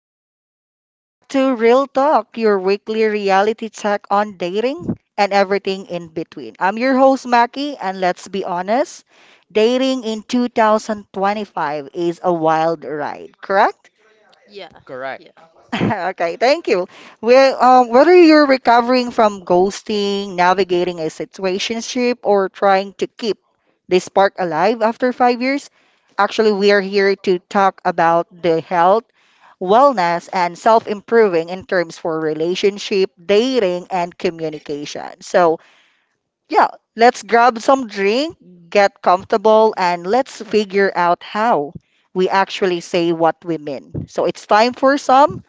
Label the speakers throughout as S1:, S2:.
S1: Everyone? Welcome back to Real Talk, your weekly reality check on dating and everything in between. I'm your host, Mackie, and let's be honest, dating in 2025 is a wild ride, correct?
S2: Yeah,
S3: Correct.
S2: yeah.
S1: Okay, thank you. Well, whether you're recovering from ghosting, navigating a situationship, or trying to keep the spark alive after 5 years, actually, we are here to talk about the health, wellness, and self-improving in terms for relationship, dating, and communication. So, yeah, let's grab some drink, get comfortable, and let's figure out how we actually say what we mean. So it's time for some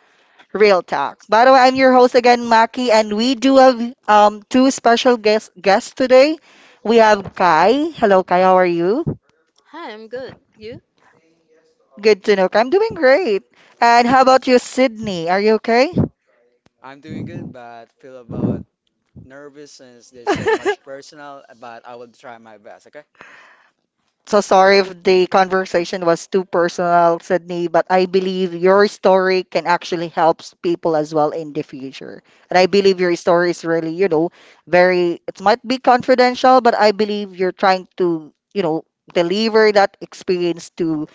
S1: Real Talk. By the way, I'm your host again, Maki, and we do have two special guests today. We have Kai. Hello, Kai. How are you?
S2: Hi, I'm good. You?
S1: Good to know, Kai. I'm doing great. And how about you, Sydney? Are you okay?
S3: I'm doing good, but feel about nervous since there's so much personal, but I will try my best, okay?
S1: So sorry if the conversation was too personal, Sydney, but I believe your story can actually help people as well in the future. And I believe your story is really, you know, very, it might be confidential, but I believe you're trying to, you know, deliver that experience to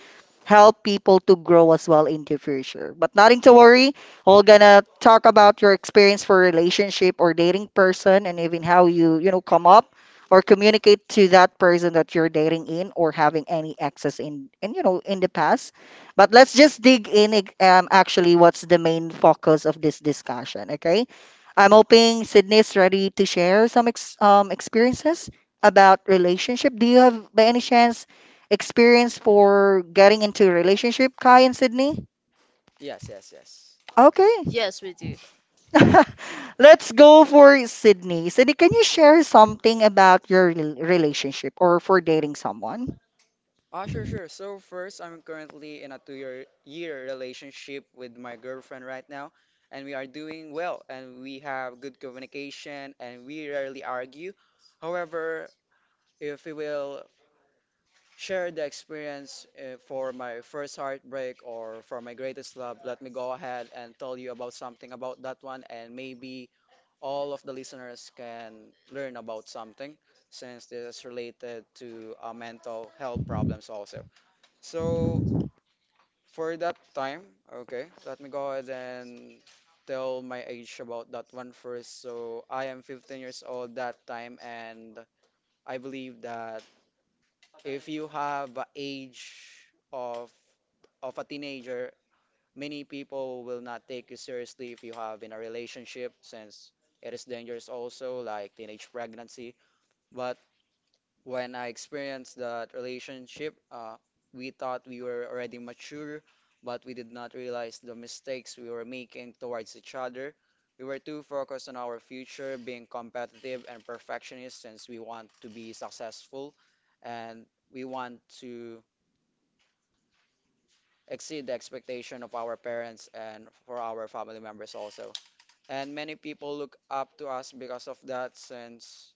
S1: help people to grow as well in the future. But nothing to worry. We're gonna talk about your experience for relationship or dating person and even how you, you know, come up or communicate to that person that you're dating in or having any access in, you know, in the past. But let's just dig in, actually, what's the main focus of this discussion, okay? I'm hoping Sydney's ready to share some ex experiences about relationship. Do you have, by any chance, experience for getting into a relationship, Kai and Sydney?
S3: Yes, yes, yes.
S1: Okay.
S2: Yes, we do.
S1: Let's go for Sydney. Sydney, can you share something about your relationship or for dating someone?
S3: Sure. So first, I'm currently in a two-year year relationship with my girlfriend right now, and we are doing well, and we have good communication, and we rarely argue. However, if we will share the experience for my first heartbreak or for my greatest love, let me go ahead and tell you about something about that one, and maybe all of the listeners can learn about something since this is related to mental health problems also. So for that time, okay, let me go ahead and tell my age about that one first. So I am 15 years old that time, and I believe that if you have a age of a teenager, many people will not take you seriously if you have in a relationship since it is dangerous also like teenage pregnancy. But when I experienced that relationship, we thought we were already mature, but we did not realize the mistakes we were making towards each other. We were too focused on our future, being competitive and perfectionist since we want to be successful and we want to exceed the expectation of our parents and for our family members also. And many people look up to us because of that since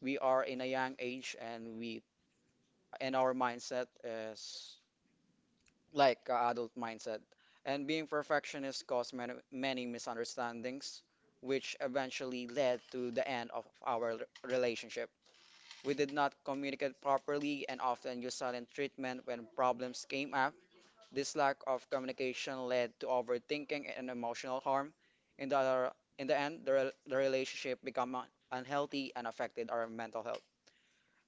S3: we are in a young age and we and our mindset is like a adult mindset. And being perfectionist caused many, many misunderstandings, which eventually led to the end of our relationship. We did not communicate properly and often used silent treatment when problems came up. This lack of communication led to overthinking and emotional harm. In the, in the end, the relationship became unhealthy and affected our mental health.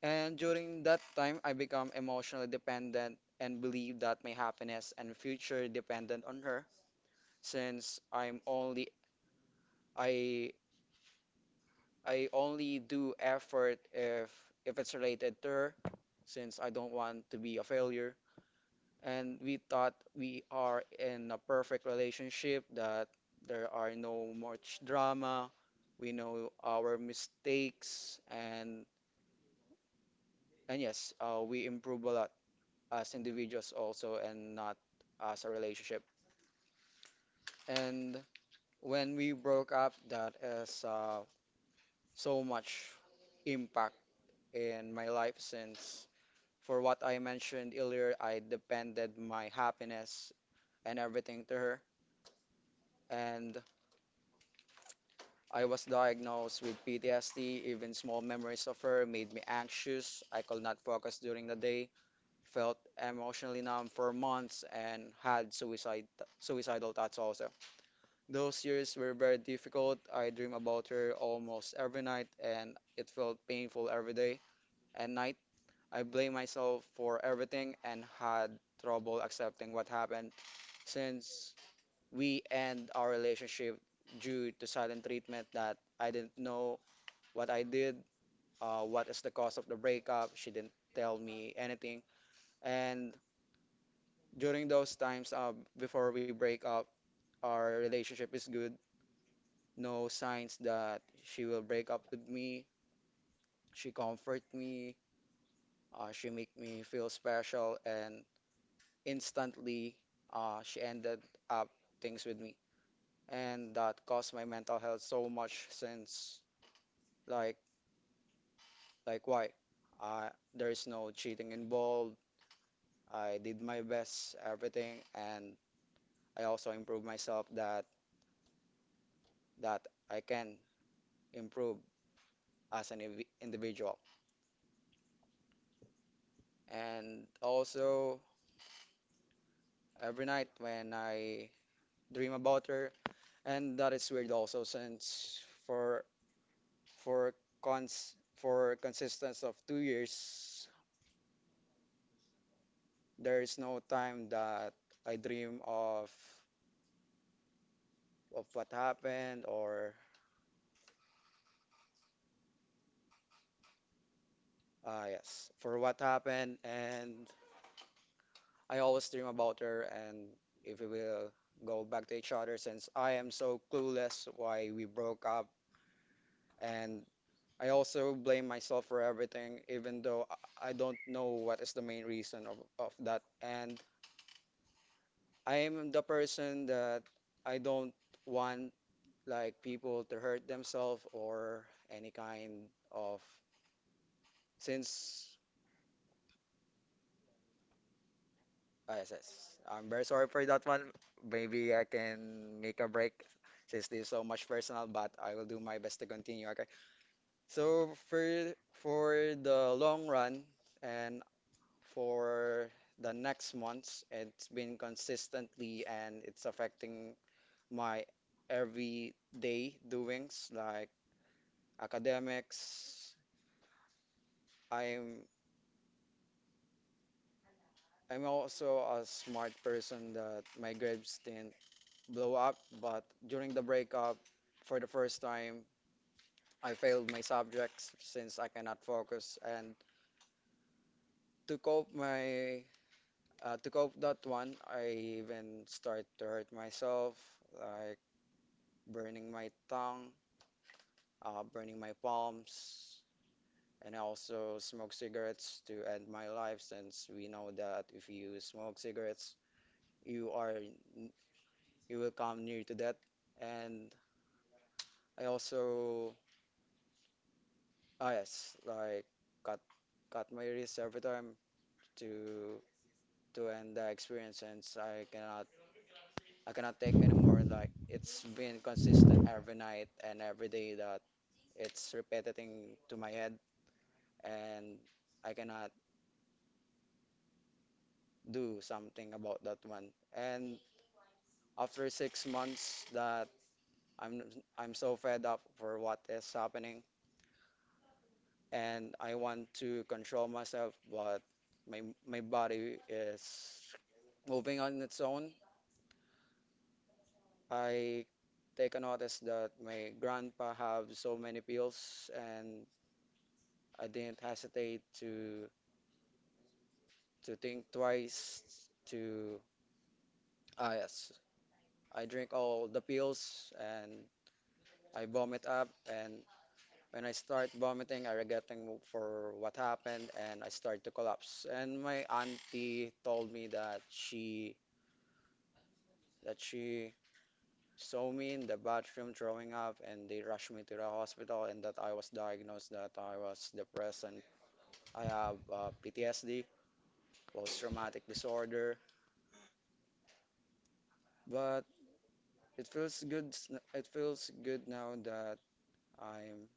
S3: And during that time, I become emotionally dependent and believe that my happiness and future dependent on her since I I only do effort if it's related to her since I don't want to be a failure. And we thought we are in a perfect relationship that there are no much drama. We know our mistakes and yes, we improve a lot as individuals also and not as a relationship. And when we broke up, that is so much impact in my life since for what I mentioned earlier, I depended my happiness and everything to her. And I was diagnosed with PTSD. Even small memories of her made me anxious. I could not focus during the day, felt emotionally numb for months, and had suicide suicidal thoughts also. Those years were very difficult. I dream about her almost every night, and it felt painful every day and night. I blamed myself for everything and had trouble accepting what happened since we end our relationship due to silent treatment that I didn't know what I did, what is the cause of the breakup. She didn't tell me anything. And during those times, before we break up, our relationship is good. No signs that she will break up with me. She comfort me. She make me feel special, and instantly, she ended up things with me, and that caused my mental health so much since like like why? Uh, there is no cheating involved. I did my best, everything, and I also improved myself that I can improve as an individual, and also every night when I dream about her, and that is weird also since for for for consistence of 2 years, there is no time that I dream of what happened or yes for what happened, and I always dream about her and if we will go back to each other since I am so clueless why we broke up and I also blame myself for everything, even though I don't know what is the main reason of that. And I am the person that I don't want like people to hurt themselves or any kind of. Since I yes, yes, I'm very sorry for that one. Maybe I can make a break since this is so much personal, but I will do my best to continue. Okay. So for the long run, and for the next months. It's been consistently and it's affecting my everyday doings like academics. I'm I'm also a smart person that my grades didn't blow up, but during the breakup, for the first time, I failed my subjects since I cannot focus. And to cope my to cope that one, I even start to hurt myself. Like burning my tongue, burning my palms, and I also smoke cigarettes to end my life since we know that if you smoke cigarettes, you are you will come near to death. And I also yes, like cut cut my wrist every time to to end the experience since I cannot take anymore. Like it's been consistent every night and every day that it's repeating to my head and I cannot do something about that one. And after 6 months that I'm I'm so fed up for what is happening and I want to control myself but my my body is moving on its own. I take a notice that my grandpa have so many pills and I didn't hesitate to think twice to ah yes I drink all the pills and I vomit up. And when I start vomiting, I regretting for what happened and I start to collapse. And my auntie told me that she saw me in the bathroom throwing up and they rushed me to the hospital and that I was diagnosed that I was depressed and I have PTSD, post-traumatic disorder. But it feels good. It feels good now that I'm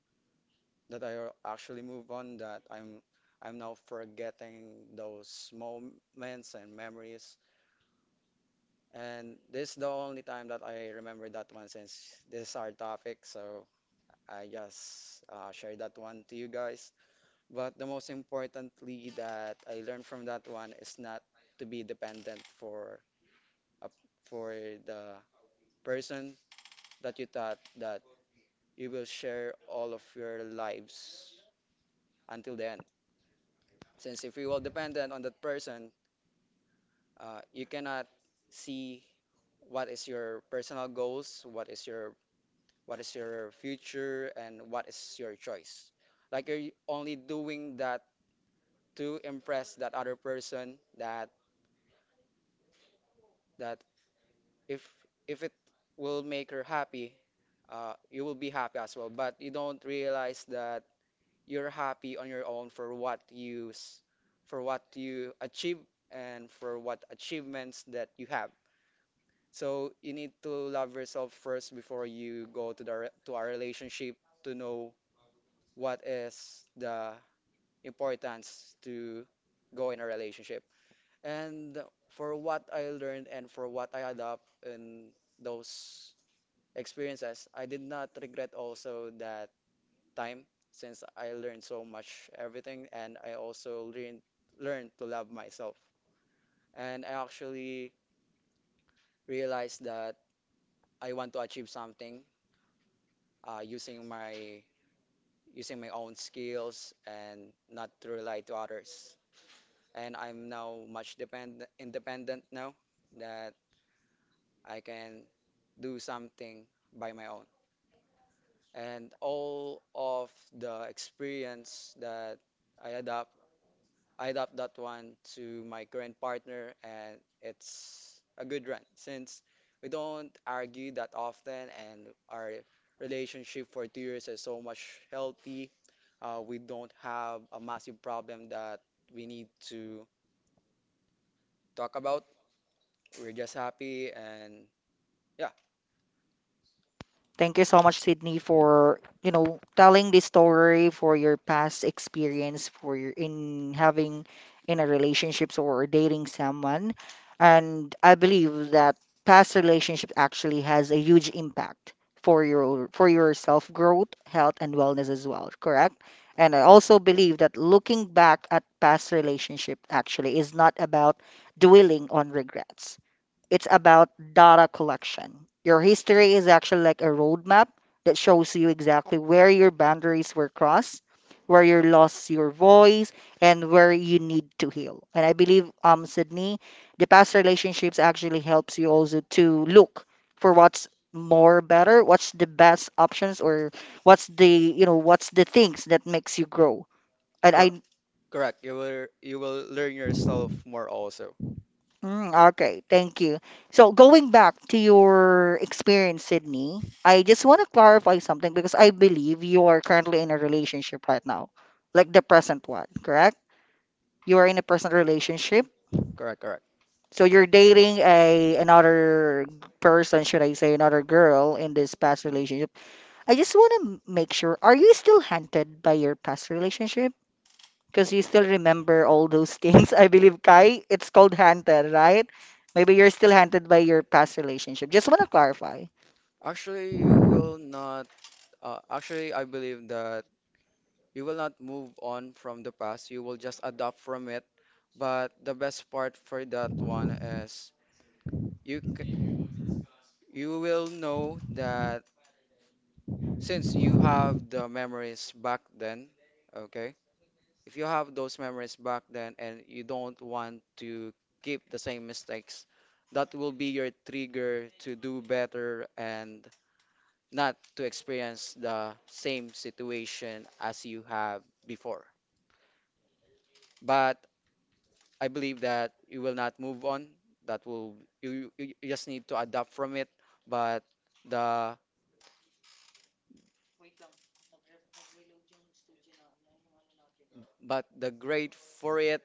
S3: that I actually move on that I'm now forgetting those moments and memories and this is the only time that I remember that one since this is our topic so I just share that one to you guys but the most importantly that I learned from that one is not to be dependent for a, for the person that you thought that you will share all of your lives until the end. Since if you will dependent on that person, you cannot see what is your personal goals, what is your future, and what is your choice. Like you're only doing that to impress that other person. That if it will make her happy, you will be happy as well. But you don't realize that you're happy on your own for what you for what you achieve and for what achievements that you have. So you need to love yourself first before you go to the re- to our relationship to know what is the importance to go in a relationship. And for what I learned and for what I adopt in those experiences, I did not regret also that time since I learned so much everything and I also learned to love myself. And I actually realized that I want to achieve something uh, using my using my own skills and not to rely to others. And I'm now much depend independent now that I can do something by my own. And all of the experience that I adopt I adopt that one to my current partner, and it's a good run since we don't argue that often, and our relationship for 2 years is so much healthy. We don't have a massive problem that we need to talk about. We're just happy, and yeah,
S1: Thank you so much, Sydney, for telling this story for your past experience for your in having in a relationships or dating someone. And I believe that past relationship actually has a huge impact for your self growth, health, and wellness as well, correct? And I also believe that looking back at past relationship actually is not about dwelling on regrets. It's about data collection. Your history is actually like a roadmap that shows you exactly where your boundaries were crossed, where you lost your voice, and where you need to heal. And I believe, Sydney, the past relationships actually helps you also to look for what's more better, what's the best options, or what's the, what's the things that makes you grow. And
S3: cor
S1: I
S3: correct. You will learn yourself more also.
S1: Mm, okay, thank you. So going back to your experience, Sydney, I just want to clarify something because I believe you are currently in a relationship right now, like the present one, correct? You are in a present relationship.
S3: Correct, correct.
S1: So you're dating a another person, should I say, another girl in this past
S3: Mhm.
S1: relationship. I just want to make sure, are you still haunted by your past relationship, because you still remember all those things? I believe, Kai, it's called haunted, right? Maybe you're still haunted by your past relationship. Just want to clarify.
S3: Actually, you will not. Actually, I believe that you will not move on from the past. You will just adapt from it. But the best part for that one is you c- you will know that since you have the memories back then, okay? If you have those memories back then and you don't want to keep the same mistakes, that will be your trigger to do better and not to experience the same situation as you have before. But I believe that you will not move on. That will you just need to adapt from it. But the but the great for it,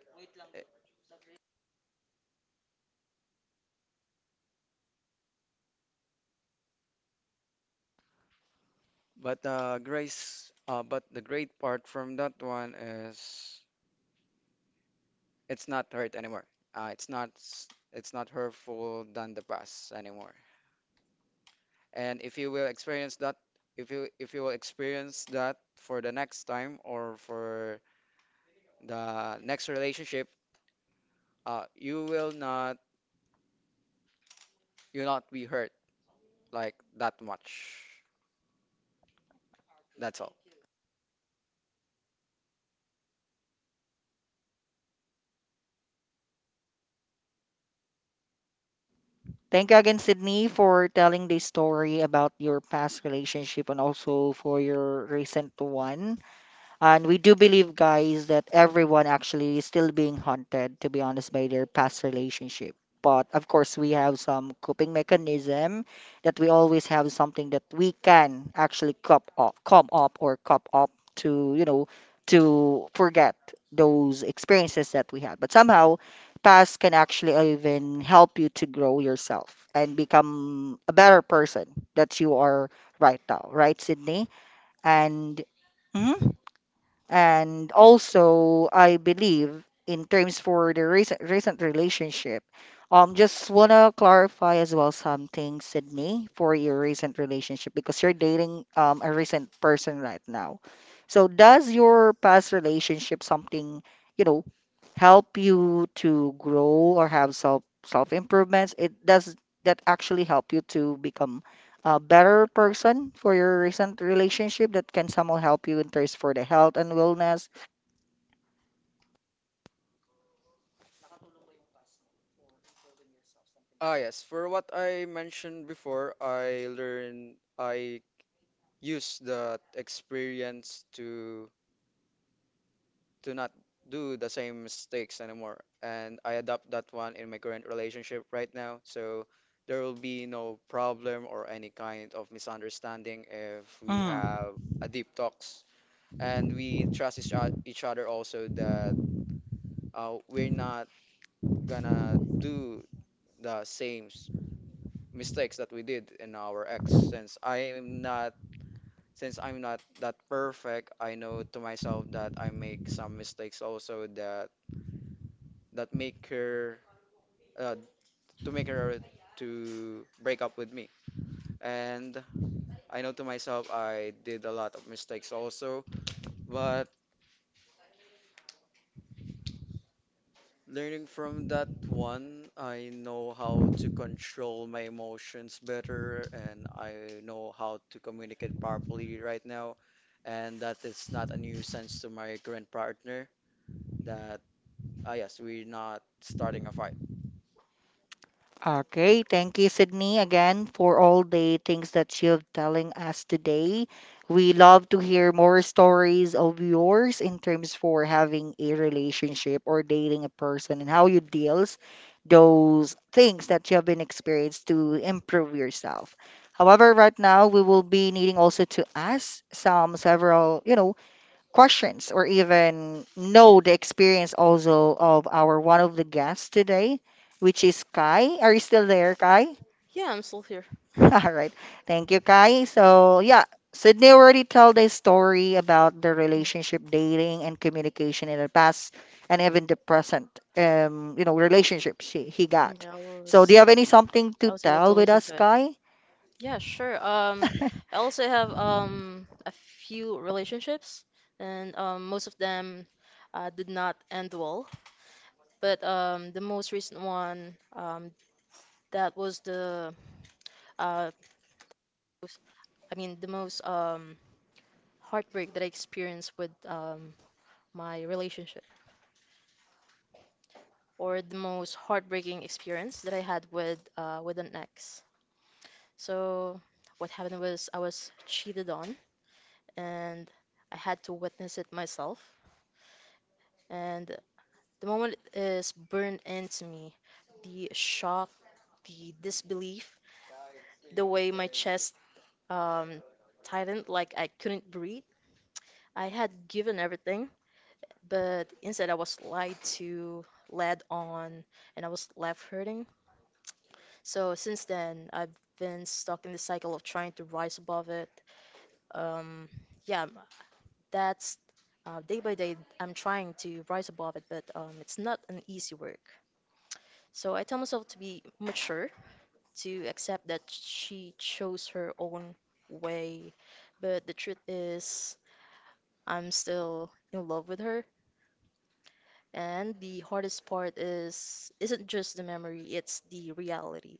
S3: but the grace, but the great part from that one is it's not hurt anymore. It's not hurtful than the past anymore. And if you will experience that, if you will experience that for the next time or for the next relationship, uh, you will not you will not be hurt like that much. That's all.
S1: Thank you again, Sydney, for telling the story about your past relationship and also for your recent one. And we do believe, guys, that everyone actually is still being haunted, to be honest, by their past relationship. But of course, we have some coping mechanism that we always have something that we can actually cop up, come up or cop up to, you know, to forget those experiences that we had. But somehow, past can actually even help you to grow yourself and become a better person that you are right now, right, Sydney? And mhm. And also, I believe in terms for the recent relationship, just wanna clarify as well something, Sydney, for your recent relationship because you're dating a recent person right now. So does your past relationship something, you know, help you to grow or have self improvements? It does that actually help you to become a better person for your recent relationship that can somehow help you in terms for the health and wellness.
S3: Yes. For what I mentioned before, I used that experience to not do the same mistakes anymore. And I adopt that one in my current relationship right now. So there will be no problem or any kind of misunderstanding if we
S1: Mm.
S3: have a deep talks and we trust each other also that we're not gonna do the same s- mistakes that we did in our ex since I'm not that perfect. I know to myself that I make some mistakes also that that uh, make her to break up with me. And I know to myself I did a lot of mistakes also, but learning from that one, I know how to control my emotions better and I know how to communicate powerfully right now. And that is not a nuisance to my current partner that, yes, we're not starting a fight.
S1: Okay, thank you, Sydney, again for all the things that you're telling us today. We love to hear more stories of yours in terms for having a relationship or dating a person and how you deals those things that you have been experienced to improve yourself. However, right now we will be needing also to ask some several, you know, questions or even know the experience also of our one of the guests today, which is Kai. Are you still there, Kai?
S2: Yeah, I'm still here.
S1: All right. Thank you, Kai. So, yeah, Sydney already told a story about the
S2: Mm,
S1: relationship, dating, and communication in the past and even the present, you know, relationships he
S2: mm,
S1: got.
S2: Yeah, I
S1: So, do you
S2: was
S1: have any something to
S2: I was able to
S1: tell with
S2: listen
S1: us,
S2: to it.
S1: Kai?
S2: Yeah, sure. I also have a few relationships, and most of them did not end well. But the most recent one that was the uh was- I mean the most heartbreak that I experienced with my relationship. Or the most heartbreaking experience that I had with an ex. So what happened was I was cheated on, and I had to witness it myself. And the moment is burned into me, the shock, the disbelief, the way my chest um, tightened, like I couldn't breathe. I had given everything, but instead I was lied to, led on, and I was left hurting. So since then, I've been stuck in the cycle of trying to rise above it. Um, yeah, that's day by day, I'm trying to rise above it, but it's not an easy work. So I tell myself to be mature, to accept that she chose her own way. But the truth is, I'm still in love with her. And the hardest part is isn't just the memory, it's the reality.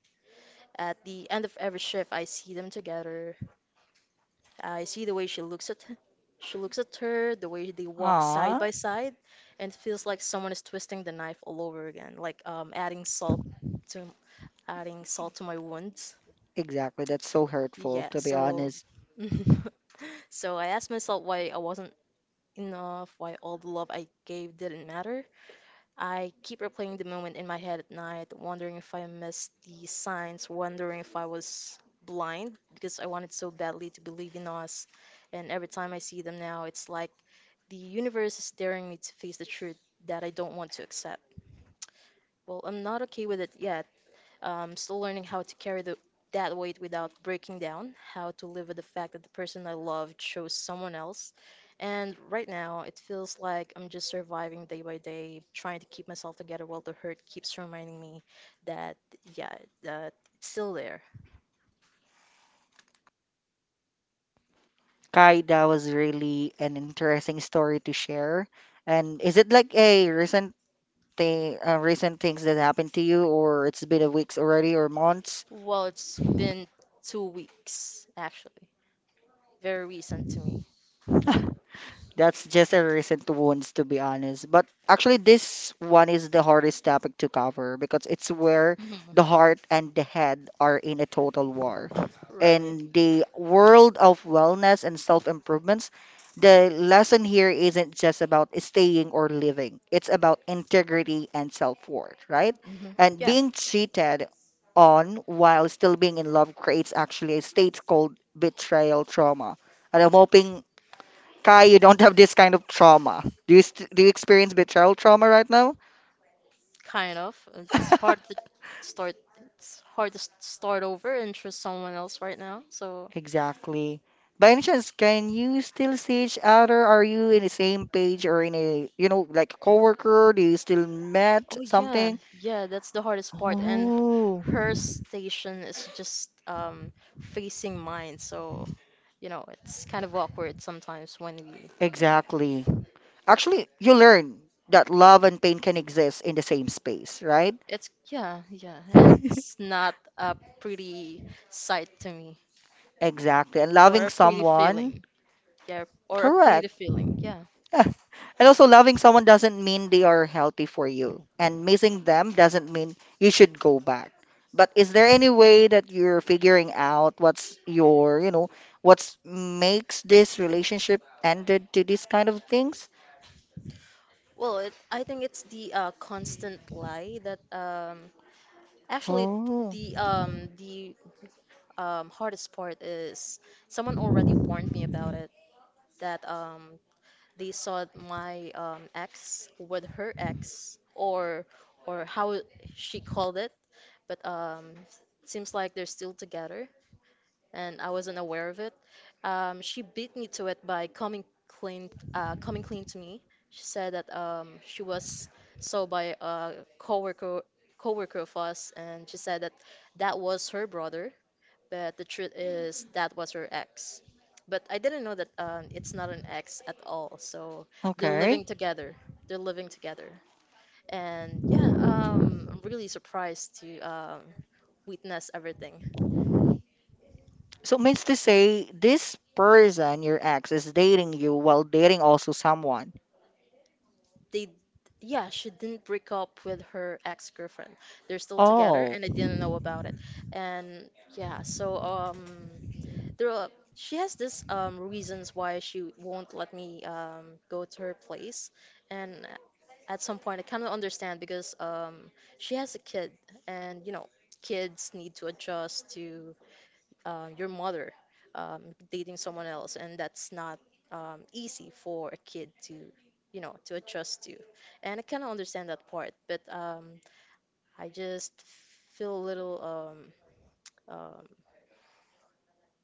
S2: At the end of every shift, I see them together. I see the way she looks at her, the way they walk side
S1: Aw,
S2: by side, and it feels like someone is twisting the knife all over again, like to adding salt to my wounds.
S1: exactly. That's so hurtful,
S2: Yeah,
S1: to be
S2: so
S1: honest.
S2: So I asked myself why I wasn't enough, why all the love I gave didn't matter. I keep replaying the moment in my head at night, wondering if I missed the signs, wondering if I was blind because I wanted so badly to believe in us. And every time I see them now, it's like the universe is daring me to face the truth that I don't want to accept. Well, I'm not okay with it yet, still learning how to carry that weight without breaking down, how to live with the fact that the person I love chose someone else. And right now, it feels like I'm just surviving day by day, trying to keep myself together while the hurt keeps reminding me that, yeah, that it's still there.
S1: Kai, that was really an interesting story to share. And is it like a recent thing, recent things that happened to you, or it's been a weeks already or months?
S2: Well, it's been 2 weeks, actually. Very recent to me.
S1: That's just a recent ones, to be honest. But actually, this one is the hardest topic to cover because it's where
S2: Mhm.
S1: the heart and the head are in a total war.
S2: Right.
S1: In the world of wellness and self improvements, the lesson here isn't just about staying or living, it's about integrity and self worth, right?
S2: Hmm.
S1: And
S2: Yeah.
S1: being cheated on while still being in love creates actually a state called betrayal trauma. And I'm hoping, Kai, you don't have this kind of trauma. Do you, do you experience betrayal trauma right now?
S2: Kind of. It's hard to start. It's hard to start over and trust someone else right now. So,
S1: Exactly. By any chance, can you still see each other? Are you in the same page or in a, you know, like coworker? Do you still met
S2: oh yeah,
S1: something?
S2: yeah, that's the hardest part. And
S1: Oh,
S2: her station is just facing mine. So, it's kind of awkward sometimes when we.
S1: exactly. Actually, you learn that love and pain can exist in the same space, right?
S2: It's Yeah, yeah, and it's not a pretty sight to me,
S1: Exactly. And
S2: or
S1: loving
S2: a pretty
S1: someone,
S2: feeling. Yeah, or a pretty
S1: correct.
S2: feeling. Yeah.
S1: Yeah. And also, loving someone doesn't mean they are healthy for you, and missing them doesn't mean you should go back. But is there any way that you're figuring out what's your, you know, what's makes this relationship ended to these kind of things?
S2: Well, I think it's the constant lie that actually,
S1: Oh,
S2: the hardest part is someone already warned me about it, that they saw my ex with her ex, or how she called it, but seems like they're still together and I wasn't aware of it. She beat me to it by coming clean to me. She said that she was saw by a coworker, coworker of us, and she said that that was her brother, but the truth is that was her ex. But I didn't know that it's not an ex at all. So they're
S1: okay.
S2: living together. They're living together. And yeah, I'm really surprised to witness everything.
S1: So means to say this person, your ex, is dating you while dating also someone.
S2: They Yeah, she didn't break up with her ex-girlfriend. They're still together,
S1: Oh.
S2: and I didn't know about it. And yeah, so, there are she has this reasons why she won't let me go to her place. And at some point, I kind of understand, because she has a kid. And kids need to adjust to your mother um, dating someone else, and that's not easy for a kid to adjust to. And I kind of understand that part, but I just feel a little, um,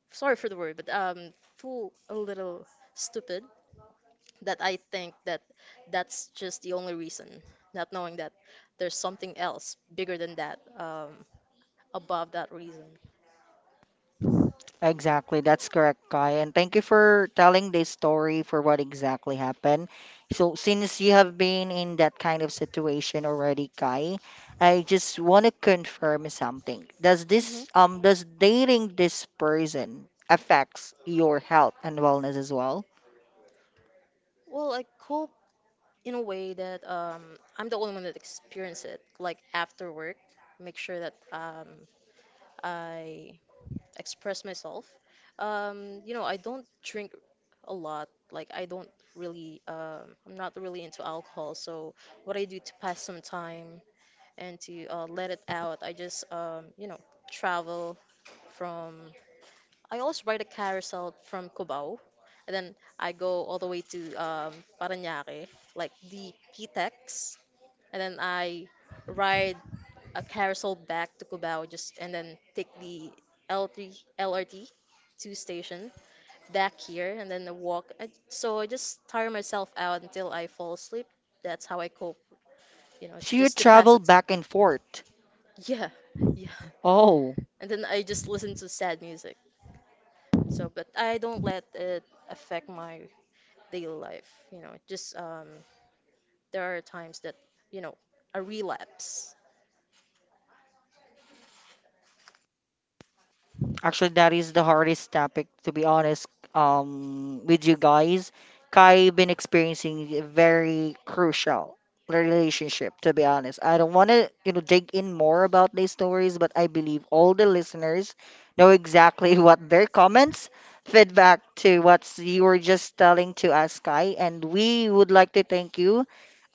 S2: sorry for the word, but feel a little stupid, that I think that that's just the only reason, not knowing that there's something else bigger than that, above that reason.
S1: Exactly, that's correct, Kai. And thank you for telling this story for what exactly happened. So, since you have been in that kind of situation already, Kai, I just want to confirm something. Does
S2: hmm
S1: this does dating this person affects your health and wellness as well?
S2: Well, I cope in a way that I'm the only one that experienced it. Like after work, make sure that I express myself. I don't drink a lot. Like I'm not really into alcohol. So what I do to pass some time and to let it out, I just, travel from. I always ride a carousel from Cubao. And then I go all the way to Paranaque, like the Pitex, and then I ride a carousel back to Cubao, just and then take the L3 LRT two station back here, and then I walk. So I just tire myself out until I fall asleep. That's how I cope,
S1: So you
S2: just to pass
S1: travel
S2: the time.
S1: back and forth.
S2: Yeah, yeah.
S1: Oh.
S2: And then I just listen to sad music. So, but I don't let it affect my daily life. Just there are times that, you know, a relapse.
S1: Actually, that is the hardest topic, to be honest, with you guys. Kai been experiencing a very crucial relationship, to be honest. I don't want to, you know, dig in more about these stories, but I believe all the listeners know exactly what their comments fed back to what you were just telling to us, Kai. And we would like to thank you,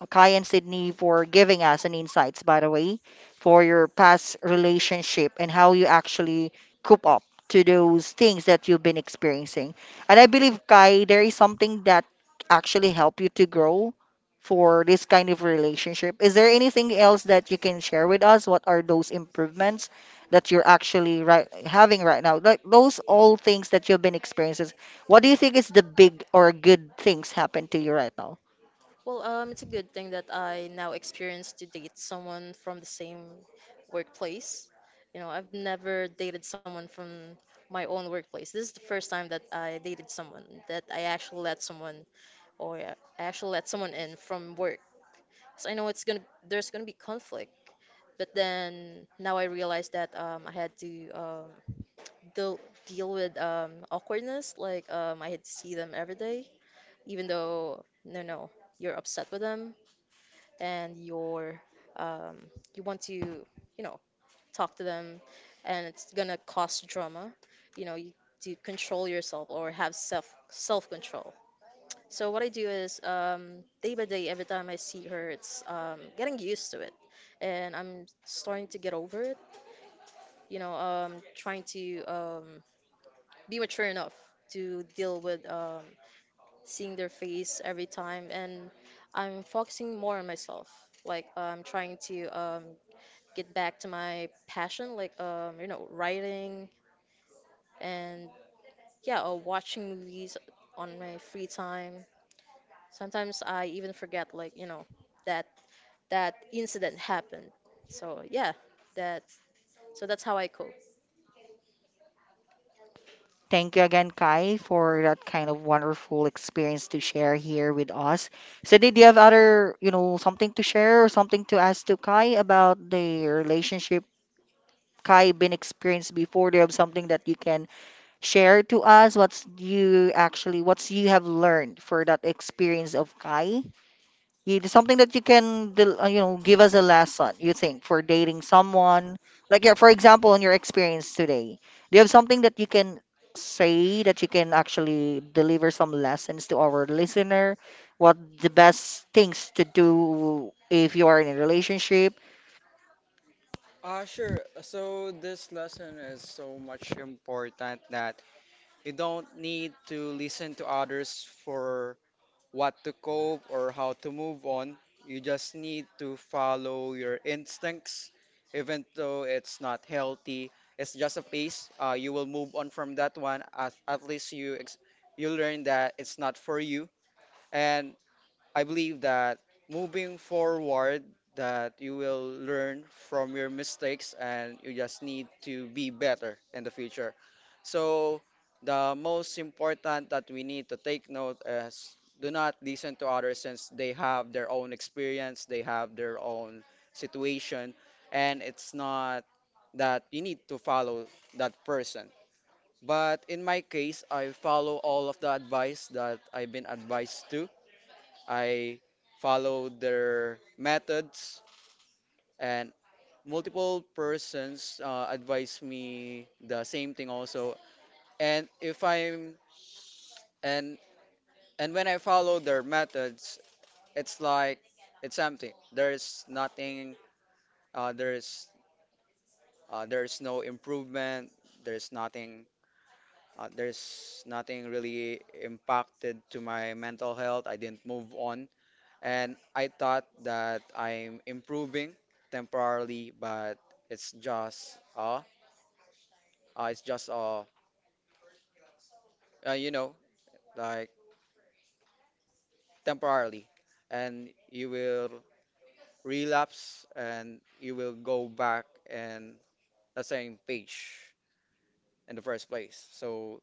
S1: Kai and Sydney, for giving us an insights, by the way, for your past relationship and how you actually cope up to those things that you've been experiencing. And I believe, Kai, there is something that actually help you to grow for this kind of relationship. Is there anything else that you can share with us? What are those improvements that you're actually right having right now? Like those all things that you've been experiencing. What do you think is the big or good things happen to you right now?
S2: Well, it's a good thing that I now experience to date someone from the same workplace. You know, I've never dated someone from my own workplace. This is the first time that I dated someone, that I actually let someone, or I actually let someone in from work. So I know there's gonna be conflict. But then now I realize that I had to deal deal with awkwardness. Like I had to see them every day, even though no, no, you're upset with them, and um, you want to talk to them, and it's gonna cause drama. You to control yourself, or have self control. So what I do is day by day, every time I see her, it's getting used to it, and I'm starting to get over it. Trying to be mature enough to deal with seeing their face every time, and I'm focusing more on myself. Like I'm trying to get back to my passion, like writing, and yeah, or watching movies on my free time. Sometimes I even forget, like that that incident happened. So yeah, that's that's how I cope.
S1: Thank you again, Kai, for that kind of wonderful experience to share here with us. So, did you have other, you know, something to share or something to ask to Kai about the relationship Kai been experienced before? Do you have something that you can share to us? What's you actually, what's you have learned for that experience of Kai? It is something that you can, you know, give us a lesson, you think, for dating someone. Like, yeah, for example, in your experience today, do you have something that you can say that you can actually deliver some lessons to our listener? What the best things to do if you are in a relationship?
S3: Ah, sure. So this lesson is so much important that you don't need to listen to others for what to cope or how to move on. You just need to follow your instincts, even though it's not healthy. It's just a pace. You will move on from that one. At least you learn that it's not for you, and I believe that moving forward that you will learn from your mistakes and you just need to be better in the future. So the most important that we need to take note is do not listen to others, since they have their own experience, they have their own situation, and it's not that you need to follow that person. But in my case, I follow all of the advice that I've been advised to. I follow their methods, and multiple persons advise me the same thing also. And if i'm and and when I follow their methods, it's like it's something there's nothing there's there's no improvement. there's nothing there's nothing really impacted to my mental health. I didn't move on, and I thought that I'm improving temporarily, but it's just uh, it's just you know like temporarily, and you will relapse and you will go back and the same page in the first place. So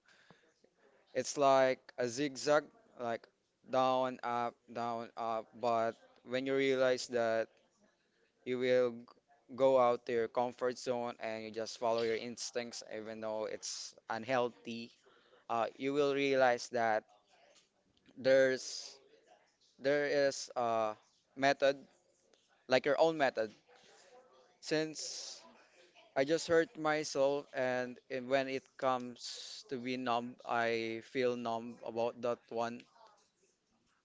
S3: it's like a zigzag, like down, up, down, up. But when you realize that you will go out to your comfort zone and you just follow your instincts, even though it's unhealthy, you will realize that there's there is a method, like your own method. Since I just hurt myself, and it, when it comes to be numb, I feel numb about that one.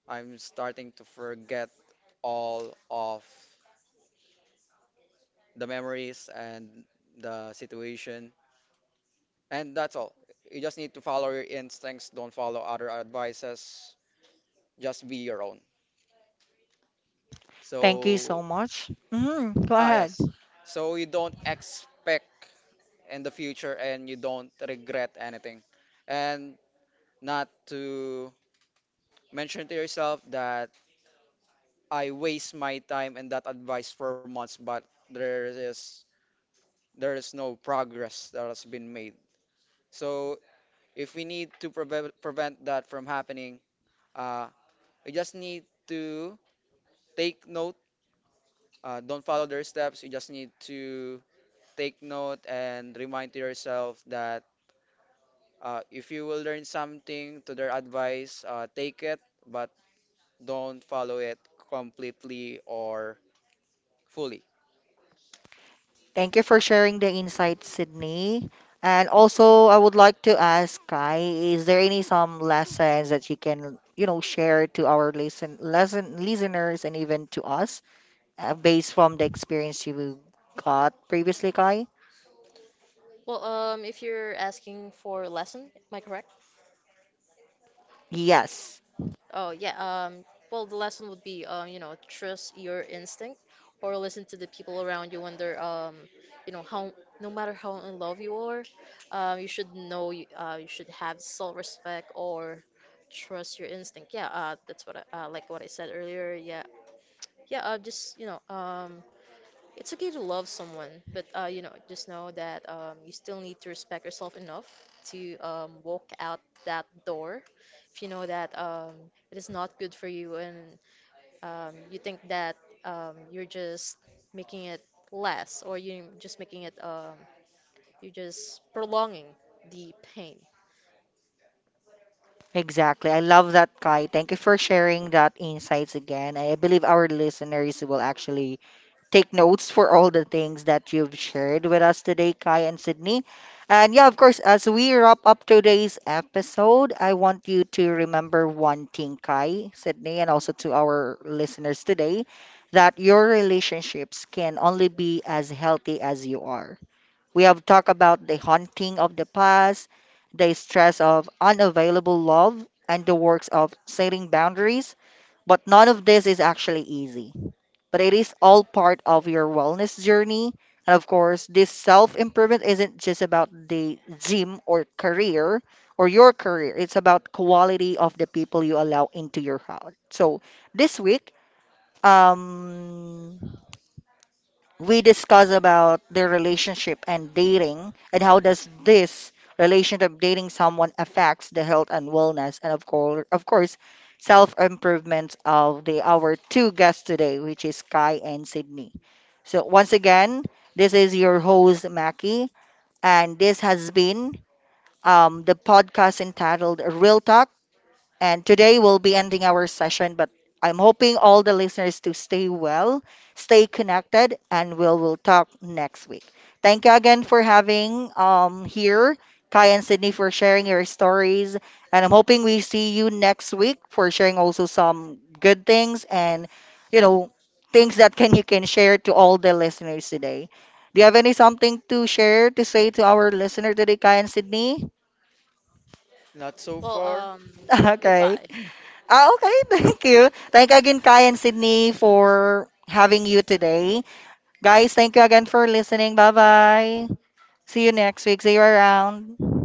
S3: I'm starting to forget all of the memories and the situation. And that's all. You just need to follow your instincts, don't follow other advices, just be your own.
S1: Thank you so
S3: So
S1: much. Hmm. Go
S3: ah,
S1: ahead.
S3: yes. So you don't expect in the future and you don't regret anything. And not to mention to yourself that I waste my time and that advice for months, but there is there is no progress that has been made. So if we need to prevent that from happening, uh, we just need to take note. Don't follow their steps. You just need to take note and remind to yourself that if you will learn something to their advice, take it, but don't follow it completely or fully.
S1: Thank you for sharing the insight, Sydney. And also, I would like to ask Kai, is there any some lessons that you can, you know, share to our listen, lesson listeners and even to us, based from the experience you got previously, Kai?
S2: Well, if you're asking for a lesson, am I correct?
S1: Yes,
S2: Oh yeah, um, well, the lesson would be, trust your instinct, or listen to the people around you when they're, how no matter how in love you are, you should know, you should have self-respect, or trust your instinct. Yeah, that's what like what I said earlier. Yeah, yeah, just it's okay to love someone, but just know that you still need to respect yourself enough to walk out that door. If you know that it is not good for you, and you think that you're just making it less, or you're just prolonging the pain.
S1: exactly. I love that, Kai. Thank you for sharing that insights again. I believe our listeners will actually take notes for all the things that you've shared with us today, Kai and Sydney. And yeah, of course, as we wrap up today's episode, I want you to remember one thing, Kai, Sydney, and also to our listeners today that your relationships can only be as healthy as you are. We have talked about the haunting of the past, the stress of unavailable love, and the works of setting boundaries, but none of this is actually easy, but it is all part of your wellness journey. And of course, this self improvement isn't just about the gym or career or your career, it's about quality of the people you allow into your house. So this week, um, we discuss about their relationship and dating and how does this relationship dating someone affects the health and wellness and of course self-improvement of the our two guests today, which is Kai and Sydney. So once again, this is your host Mackie and this has been the podcast entitled Real Talk, and today we'll be ending our session, but I'm hoping all the listeners to stay well, stay connected, and we'll talk next week. Thank you again for having here, Kai and Sydney, for sharing your stories. And I'm hoping we see you next week for sharing also some good things and you know things that can you can share to all the listeners today. Do you have any something to share to say to our listener today, Kai and Sydney?
S3: Not so
S2: Well,
S3: far.
S1: Okay.
S2: goodbye.
S1: Ah, okay. Thank you. Thank you again, Kai and Sydney, for having you today. Guys, thank you again for listening. Bye bye. See you next week. See you around.